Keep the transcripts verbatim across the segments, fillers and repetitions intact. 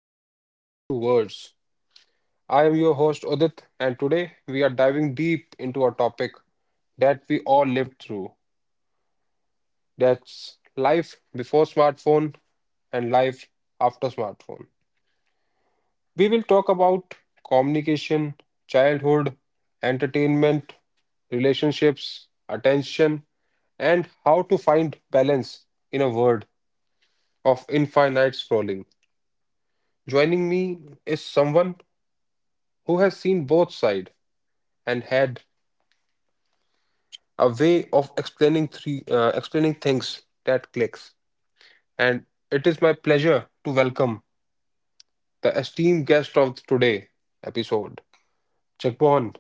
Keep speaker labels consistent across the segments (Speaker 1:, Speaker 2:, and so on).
Speaker 1: of Between Two Worlds. I am your host, Udit, and today we are diving deep into a topic that we all lived through, that's life before smartphone and life after smartphone. We will talk about communication, childhood, entertainment, relationships, attention, and how to find balance in a world of infinite scrolling. Joining me is someone who has seen both sides and had a way of explaining three, uh, explaining things that clicks. And it is my pleasure to welcome the esteemed guest of today episode, Jagmohan.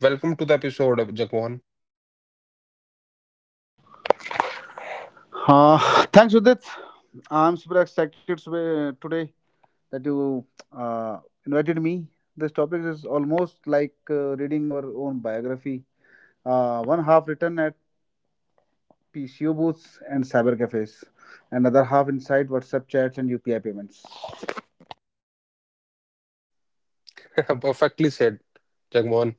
Speaker 1: Welcome to the episode, Jagmohan.
Speaker 2: Uh, thanks, Udit. I'm super excited to- today that you uh, invited me. This topic is almost like uh, reading our own biography. Uh, one half written at P C O booths and cyber cafes, another half inside WhatsApp chats and U P I payments.
Speaker 1: Perfectly said, Jagmohan.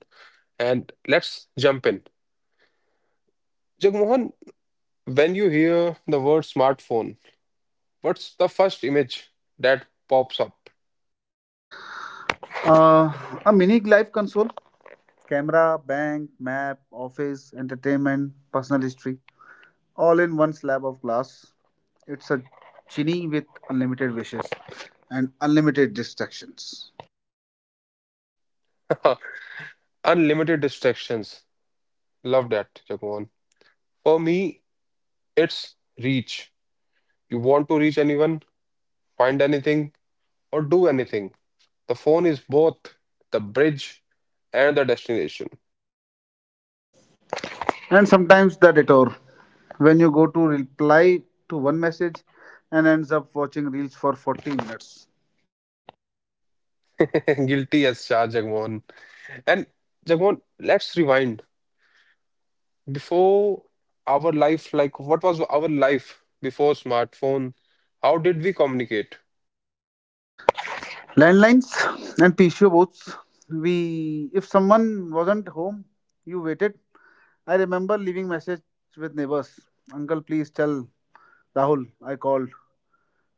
Speaker 1: And let's jump in. Jagmohan, when you hear the word smartphone, what's the first image that pops up?
Speaker 2: Uh, a mini life console, camera, bank, map, office, entertainment, personal history, all in one slab of glass. It's a genie with unlimited wishes and unlimited distractions.
Speaker 1: Unlimited distractions. Love that, Jagmohan. For me, it's reach. You want to reach anyone, find anything, or do anything. The phone is both the bridge and the destination.
Speaker 2: And sometimes the detour, when you go to reply to one message and ends up watching reels for forty minutes.
Speaker 1: Guilty as charged, Jagmohan. And Jagmohan, let's rewind. Before our life, like what was our life before smartphone? How did we communicate?
Speaker 2: Landlines and P C O boats. We If someone wasn't home, you waited. I remember leaving message with neighbors. Uncle, please tell Rahul I called.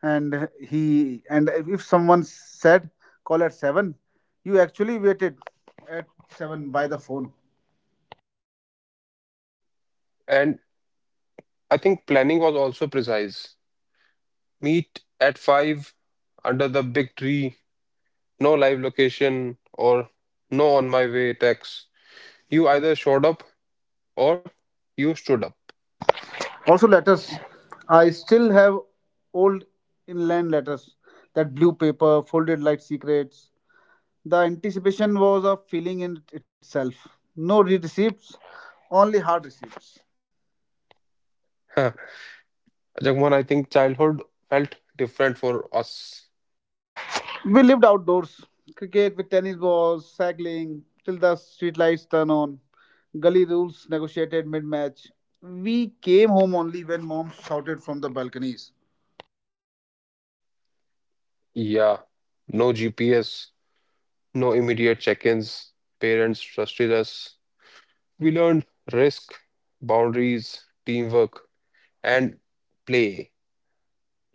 Speaker 2: And he and if someone said call at seven, you actually waited at seven by the phone.
Speaker 1: And I think planning was also precise. Meet at five under the big tree. No live location or no on my way text. You either showed up or you stood up.
Speaker 2: Also letters, I still have old inland letters, that blue paper folded like secrets. The anticipation was a feeling in itself. No receipts, only hard receipts.
Speaker 1: Huh. Jagmohan, I think childhood felt different for us.
Speaker 2: We lived outdoors, cricket with tennis balls, cycling till the street lights turn on. Gully rules negotiated mid-match. We came home only when mom shouted from the balconies,
Speaker 1: Yeah. No G P S, no immediate check ins. Parents trusted us. We learned risk, boundaries, teamwork, and play.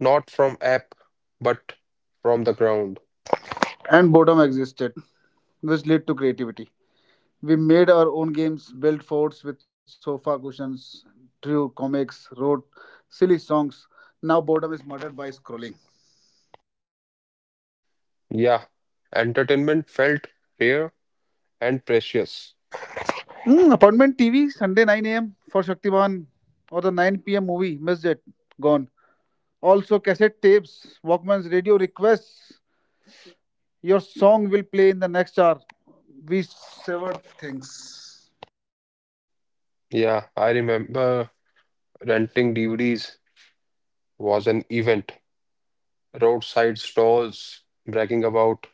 Speaker 1: Not from app, but from the ground.
Speaker 2: and boredom existed, which led to creativity. We made our own games, built forts with sofa cushions, drew comics, wrote silly songs. Now boredom is murdered by scrolling.
Speaker 1: Yeah. Entertainment felt rare and precious.
Speaker 2: Hmm, appointment T V Sunday nine a m for Shaktivan or the nine p m movie. Missed it. Gone. Also, cassette tapes, Walkman's radio requests. Your song will play in the next hour. We severed things.
Speaker 1: Yeah, I remember renting D V Ds was an event. Roadside stalls bragging about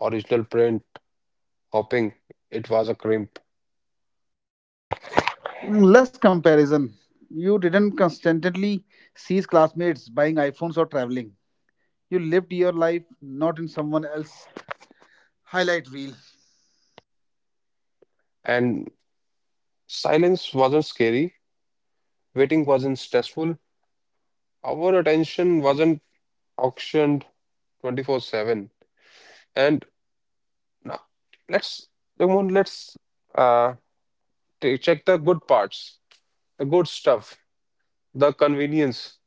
Speaker 1: original print, hopping, it was a crimp.
Speaker 2: Mm, less comparison. You didn't constantly seize classmates buying iPhones or traveling. You lived your life, not in someone else's highlight reel.
Speaker 1: And silence wasn't scary, waiting wasn't stressful, our attention wasn't auctioned twenty-four seven. And now let's, Ramon, let's uh, t- check the good parts, the good stuff, the convenience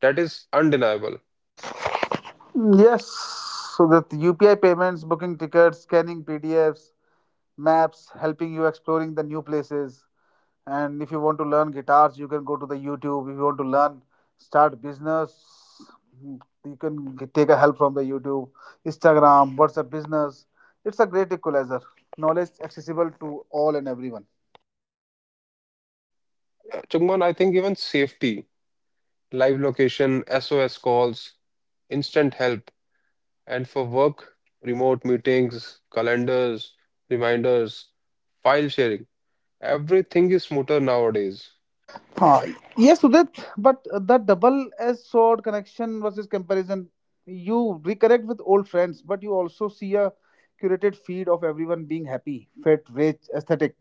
Speaker 1: that is undeniable.
Speaker 2: Yes, so that U P I payments, booking tickets, scanning P D Fs, maps, helping you exploring the new places. And if you want to learn guitars you can go to the youtube. If you want to learn, start business, mm, you can g- take a help from the youtube, instagram, whatsapp business. It's a great equalizer, knowledge accessible to all and everyone.
Speaker 1: Uh, Chungman, I think even safety. Live location, S O S calls, instant help, and for work, remote meetings, calendars, reminders, file sharing. Everything is smoother nowadays.
Speaker 2: Ah, yes Sudit, but uh, the double edged sword, connection versus comparison. You reconnect with old friends, but you also see a curated feed of everyone being happy, fit, rich, aesthetic.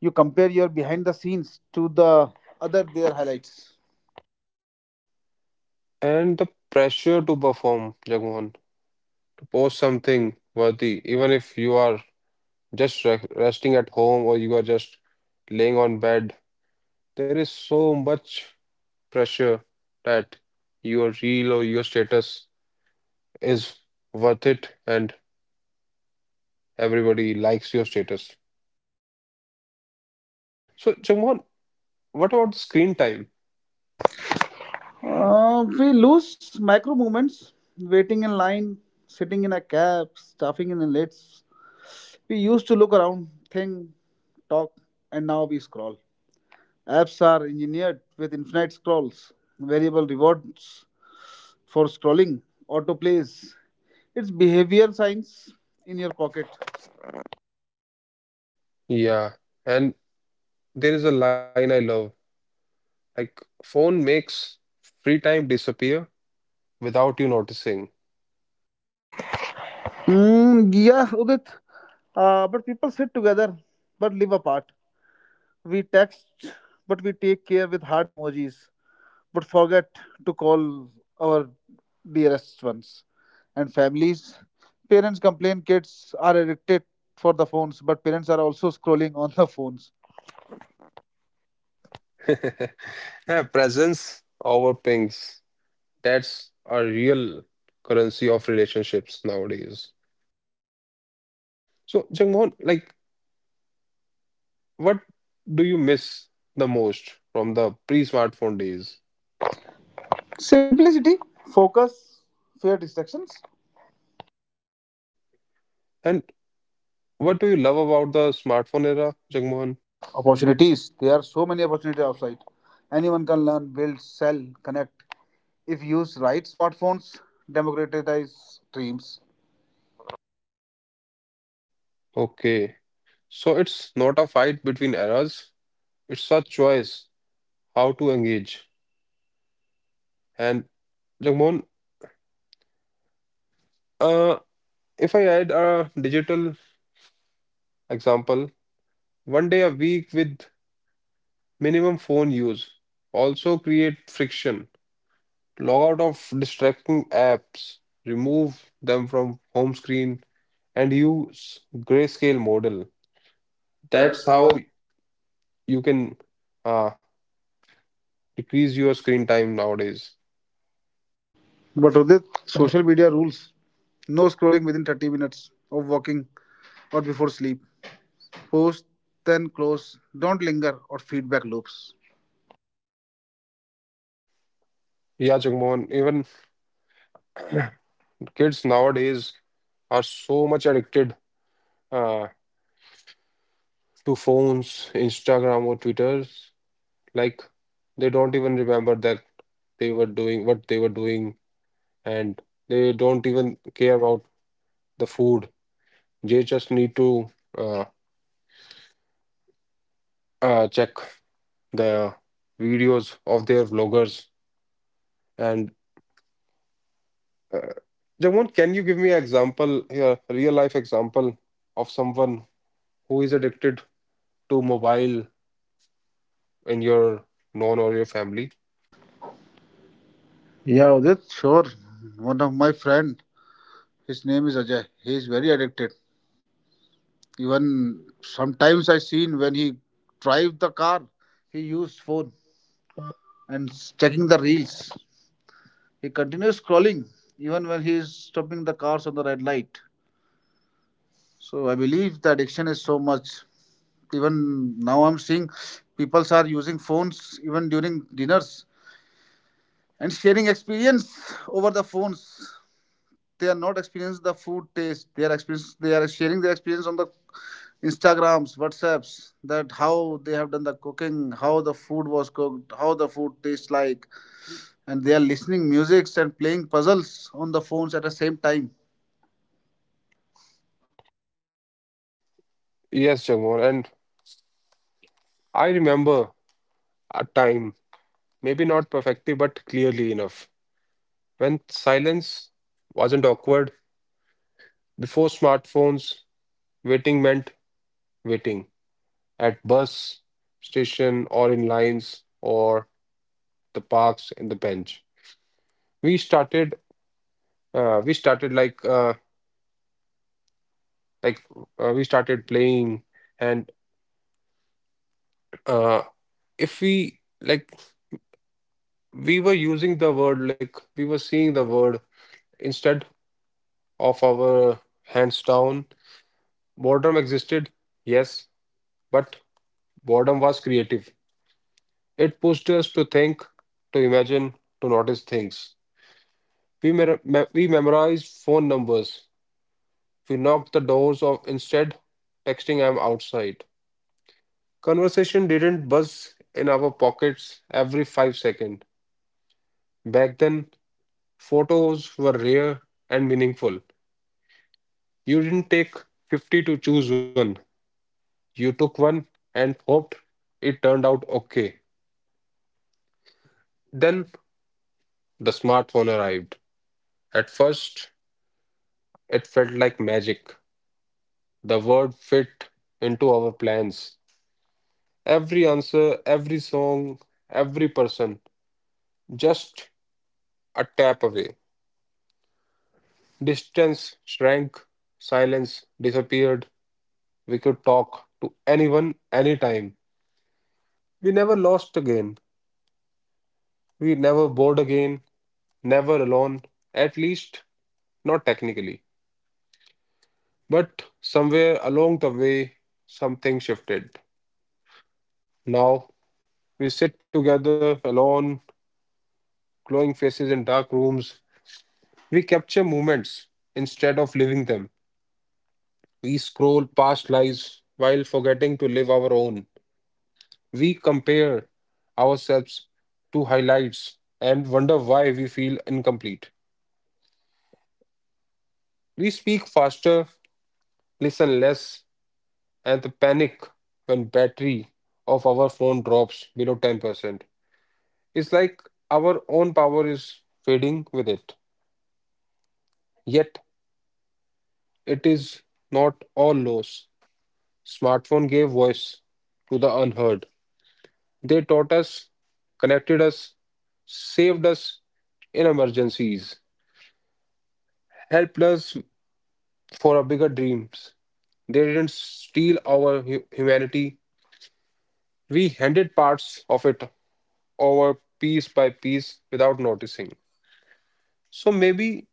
Speaker 2: You compare your behind the scenes to the other, their highlights.
Speaker 1: And the pressure to perform, Jagmohan, to post something worthy, even if you are just re resting at home or you are just laying on bed, there is so much pressure that your reel or your status is worth it, and everybody likes your status. So, Jamon, what about the screen time?
Speaker 2: Uh, we lose micro movements, waiting in line, sitting in a cab, stuffing in lids. We used to look around, think, talk, and now we scroll. Apps are engineered with infinite scrolls, variable rewards for scrolling, autoplays. It's behavior science in your pocket.
Speaker 1: Yeah, and there is a line I love. Like, phone makes free time disappear without you noticing.
Speaker 2: Hmm. Yeah, Udit. Uh, but people sit together but live apart. We text, but we take care with heart emojis, but forget to call our dearest ones and families. Parents complain kids are addicted for the phones, but parents are also scrolling on the phones.
Speaker 1: Yeah, presence over pings. That's a real currency of relationships nowadays. So, Jangmon, like, what do you miss the most from the pre-smartphone days?
Speaker 2: Simplicity, focus, fear distractions,
Speaker 1: And what do you love about the smartphone era, Jangmon?
Speaker 2: opportunities. There are so many opportunities outside. Anyone can learn, build, sell, connect. If used right, smartphones democratize dreams.
Speaker 1: Okay. So it's not a fight between eras, it's a choice how to engage. And Jagmohan, uh, if I add a digital example, one day a week with minimum phone use also create friction. Log out of distracting apps, remove them from home screen, and use grayscale model. That's
Speaker 2: That's how.
Speaker 1: how you can uh, decrease your screen time nowadays.
Speaker 2: But with it, social media rules, no scrolling within thirty minutes of walking or before sleep. Post, then close. Don't linger or feedback loops.
Speaker 1: Yeah, Jagmohan, even kids nowadays are so much addicted uh, to phones, Instagram or Twitter, like they don't even remember that they were doing what they were doing, and they don't even care about the food. They just need to uh, uh, check the videos of their vloggers. And uh, Jamon, can you give me an example here, a real life example of someone who is addicted to mobile in your known or your family?
Speaker 2: Yeah, Udit, sure. One of my friend, his name is Ajay. He is very addicted. Even sometimes I seen when he drive the car, he used phone and s- checking the reels. He continues scrolling even when he is stopping the cars on the red light. So I believe the addiction is so much. Even now I'm seeing people are using phones even during dinners and sharing experience over the phones. They are not experiencing the food taste, they are experience, they are sharing their experience on the instagrams, whatsapps, that how they have done the cooking, how the food was cooked, how the food tastes like, and they are listening musics and playing puzzles on the phones at the same time.
Speaker 1: Yes, Jamon, and I remember a time, maybe not perfectly, but clearly enough, when silence wasn't awkward. Before smartphones, waiting meant waiting at bus station or in lines or the parks and the bench. We started, uh, we started like, uh, like uh, We started playing, and uh, if we like, we were using the word like we were seeing the word instead of our hands down. Boredom existed, yes, but boredom was creative. It pushed us to think, to imagine, to notice things. We, mer- me- we memorized phone numbers. We knocked the doors off instead, texting, I'm outside. Conversation didn't buzz in our pockets every five seconds. Back then, photos were rare and meaningful. You didn't take fifty to choose one, you took one and hoped it turned out okay. Then the smartphone arrived. At first, it felt like magic. The word fit into our plans. Every answer, every song, every person, just a tap away. Distance shrank, silence disappeared. We could talk to anyone, anytime. We never lost again. We never bored again, never alone, at least not technically. But somewhere along the way, something shifted. Now we sit together alone, glowing faces in dark rooms. We capture moments instead of living them. We scroll past lives while forgetting to live our own. We compare ourselves to highlights and wonder why we feel incomplete. We speak faster, listen less, and panic when battery of our phone drops below ten percent. It's like our own power is fading with it. Yet it is not all loss. Smartphone gave voice to the unheard. They taught us, connected us, saved us in emergencies, helped us for our bigger dreams. They didn't steal our hu- humanity. We handed parts of it over piece by piece without noticing. So maybe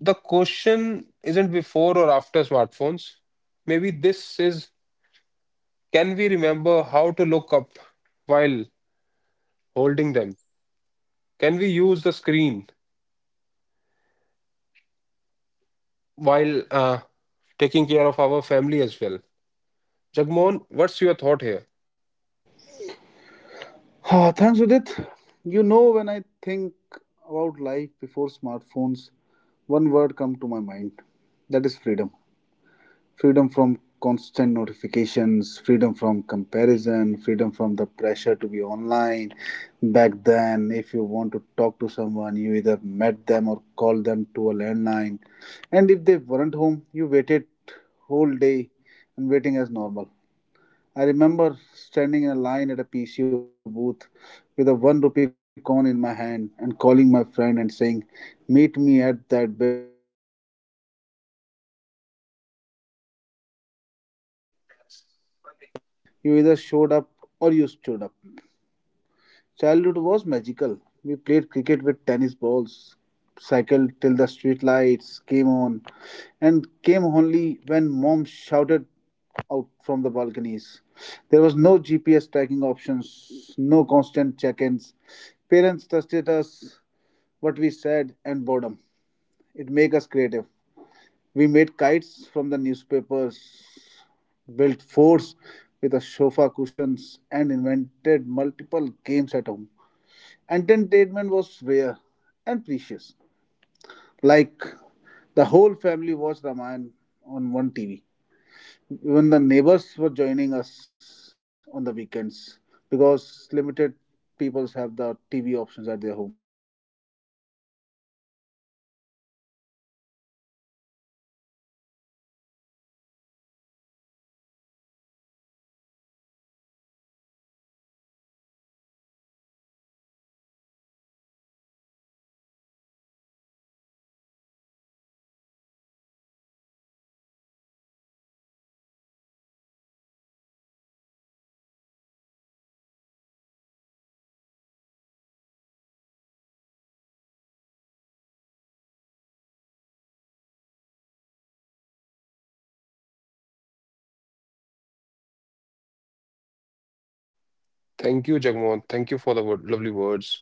Speaker 1: the question isn't before or after smartphones. Maybe this is, can we remember how to look up while holding them? Can we use the screen while uh, taking care of our family as well? Jagmohan, what's your thought here?
Speaker 2: Ah, thanks udit. You know when I think about life before smartphones, one word comes to my mind, that is freedom. Freedom from constant notifications, freedom from comparison, freedom from the pressure to be online. Back then, if you want to talk to someone, you either met them or called them to a landline, and if they weren't home you waited whole day, and waiting as normal. I remember standing in a line at a pco booth with a one rupee coin in my hand and calling my friend and saying meet me at that building. You either showed up or you stood up. Childhood was magical. We played cricket with tennis balls, cycled till the street lights came on, and came only when mom shouted out from the balconies. There was no G P S tracking options, no constant check ins. Parents trusted us, what we said, and boredom. It made us creative. We made kites from the newspapers, built forts with the sofa cushions, and invented multiple games at home. Entertainment was rare and precious. Like the whole family watched Ramayana on one T V. Even the neighbors
Speaker 1: Thank you, Jagmohan. Thank you for the word, lovely words.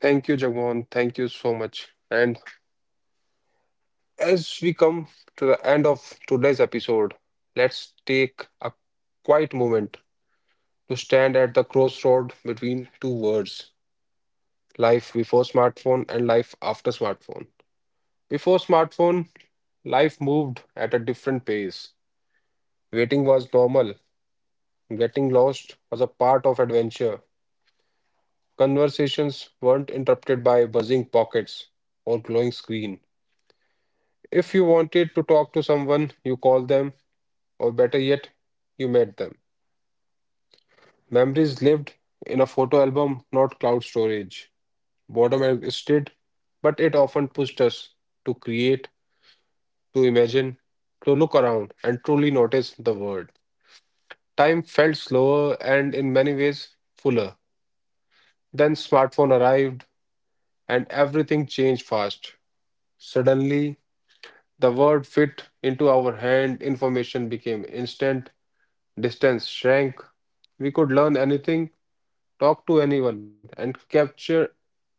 Speaker 1: Thank you, Jagmohan. Thank you so much. And as we come to the end of today's episode, let's take a quiet moment to stand at the crossroad between two words, life before smartphone and life after smartphone. Before smartphone, life moved at a different pace. Waiting was normal. Getting lost was a part of adventure. Conversations weren't interrupted by buzzing pockets or glowing screen. If you wanted to talk to someone, you called them, or better yet, you met them. Memories lived in a photo album, not cloud storage. Boredom existed, but it often pushed us to create, to imagine, to look around and truly notice the world. Time felt slower and in many ways fuller. Then smartphone arrived and everything changed fast. Suddenly, the word fit into our hand, information became instant, distance shrank. We could learn anything, talk to anyone, and capture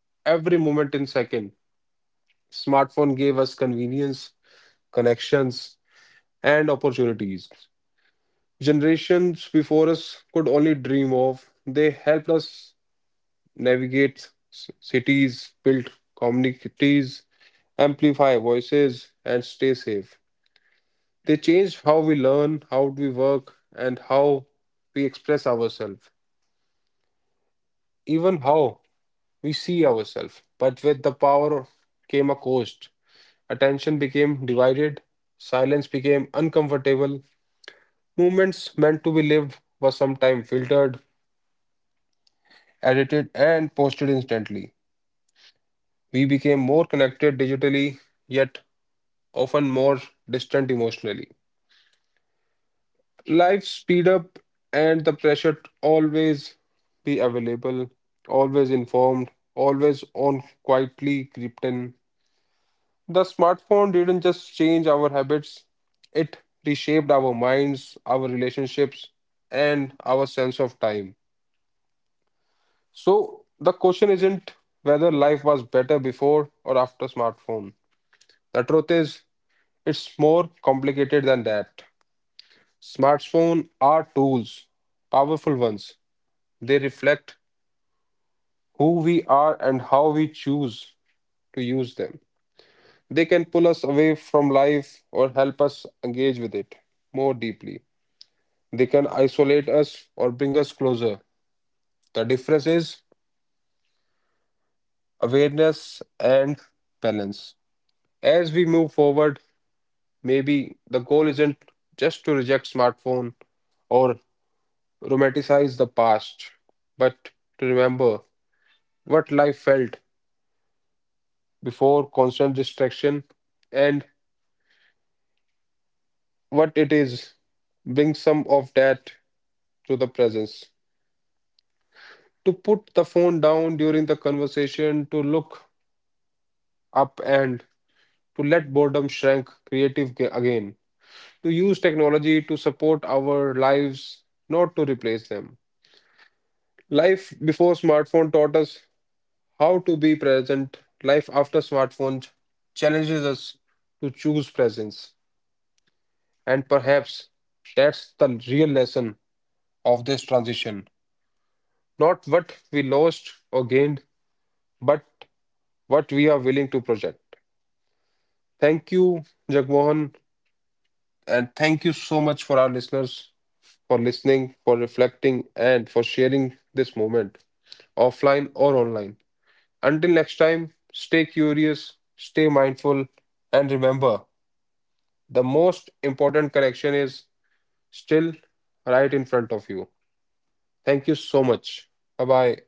Speaker 1: every moment in second. Smartphone gave us convenience, connections, and opportunities generations before us could only dream of. They helped us navigate c- cities, build communities, amplify voices, and stay safe. They changed how we learn, how we work, and how we express ourselves, even how we see ourselves. But with the power came a cost. Attention became divided, silence became uncomfortable, movements meant to be lived were sometimes filtered, edited, and posted instantly. We became more connected digitally, yet often more distant emotionally. Life speed up and the pressure to always be available, always informed, always on quietly crept in. The smartphone didn't just change our habits, it reshaped our minds, our relationships, and our sense of time. So the question isn't whether life was better before or after smartphone. The truth is, it's more complicated than that. Smartphones are tools, powerful ones. They reflect who we are and how we choose to use them. They can pull us away from life or help us engage with it more deeply. They can isolate us or bring us closer. The difference is awareness and balance. As we move forward, maybe the goal isn't just to reject smartphone or romanticize the past, but to remember what life felt before constant distraction and what it is. Bring some of that to the presence. To put the phone down during the conversation, to look up and to let boredom shrink creative ga- again. To use technology to support our lives, not to replace them. Life before smartphone taught us how to be present. Life after smartphone challenges us to choose presence. And perhaps that's the real lesson of this transition. Not what we lost or gained, but what we are willing to project. Thank you, Jagmohan, and thank you so much for our listeners for listening, for reflecting, and for sharing this moment, offline or online. Until next time, stay curious, stay mindful, and remember the most important connection is still right in front of you. Thank you so much. Bye bye.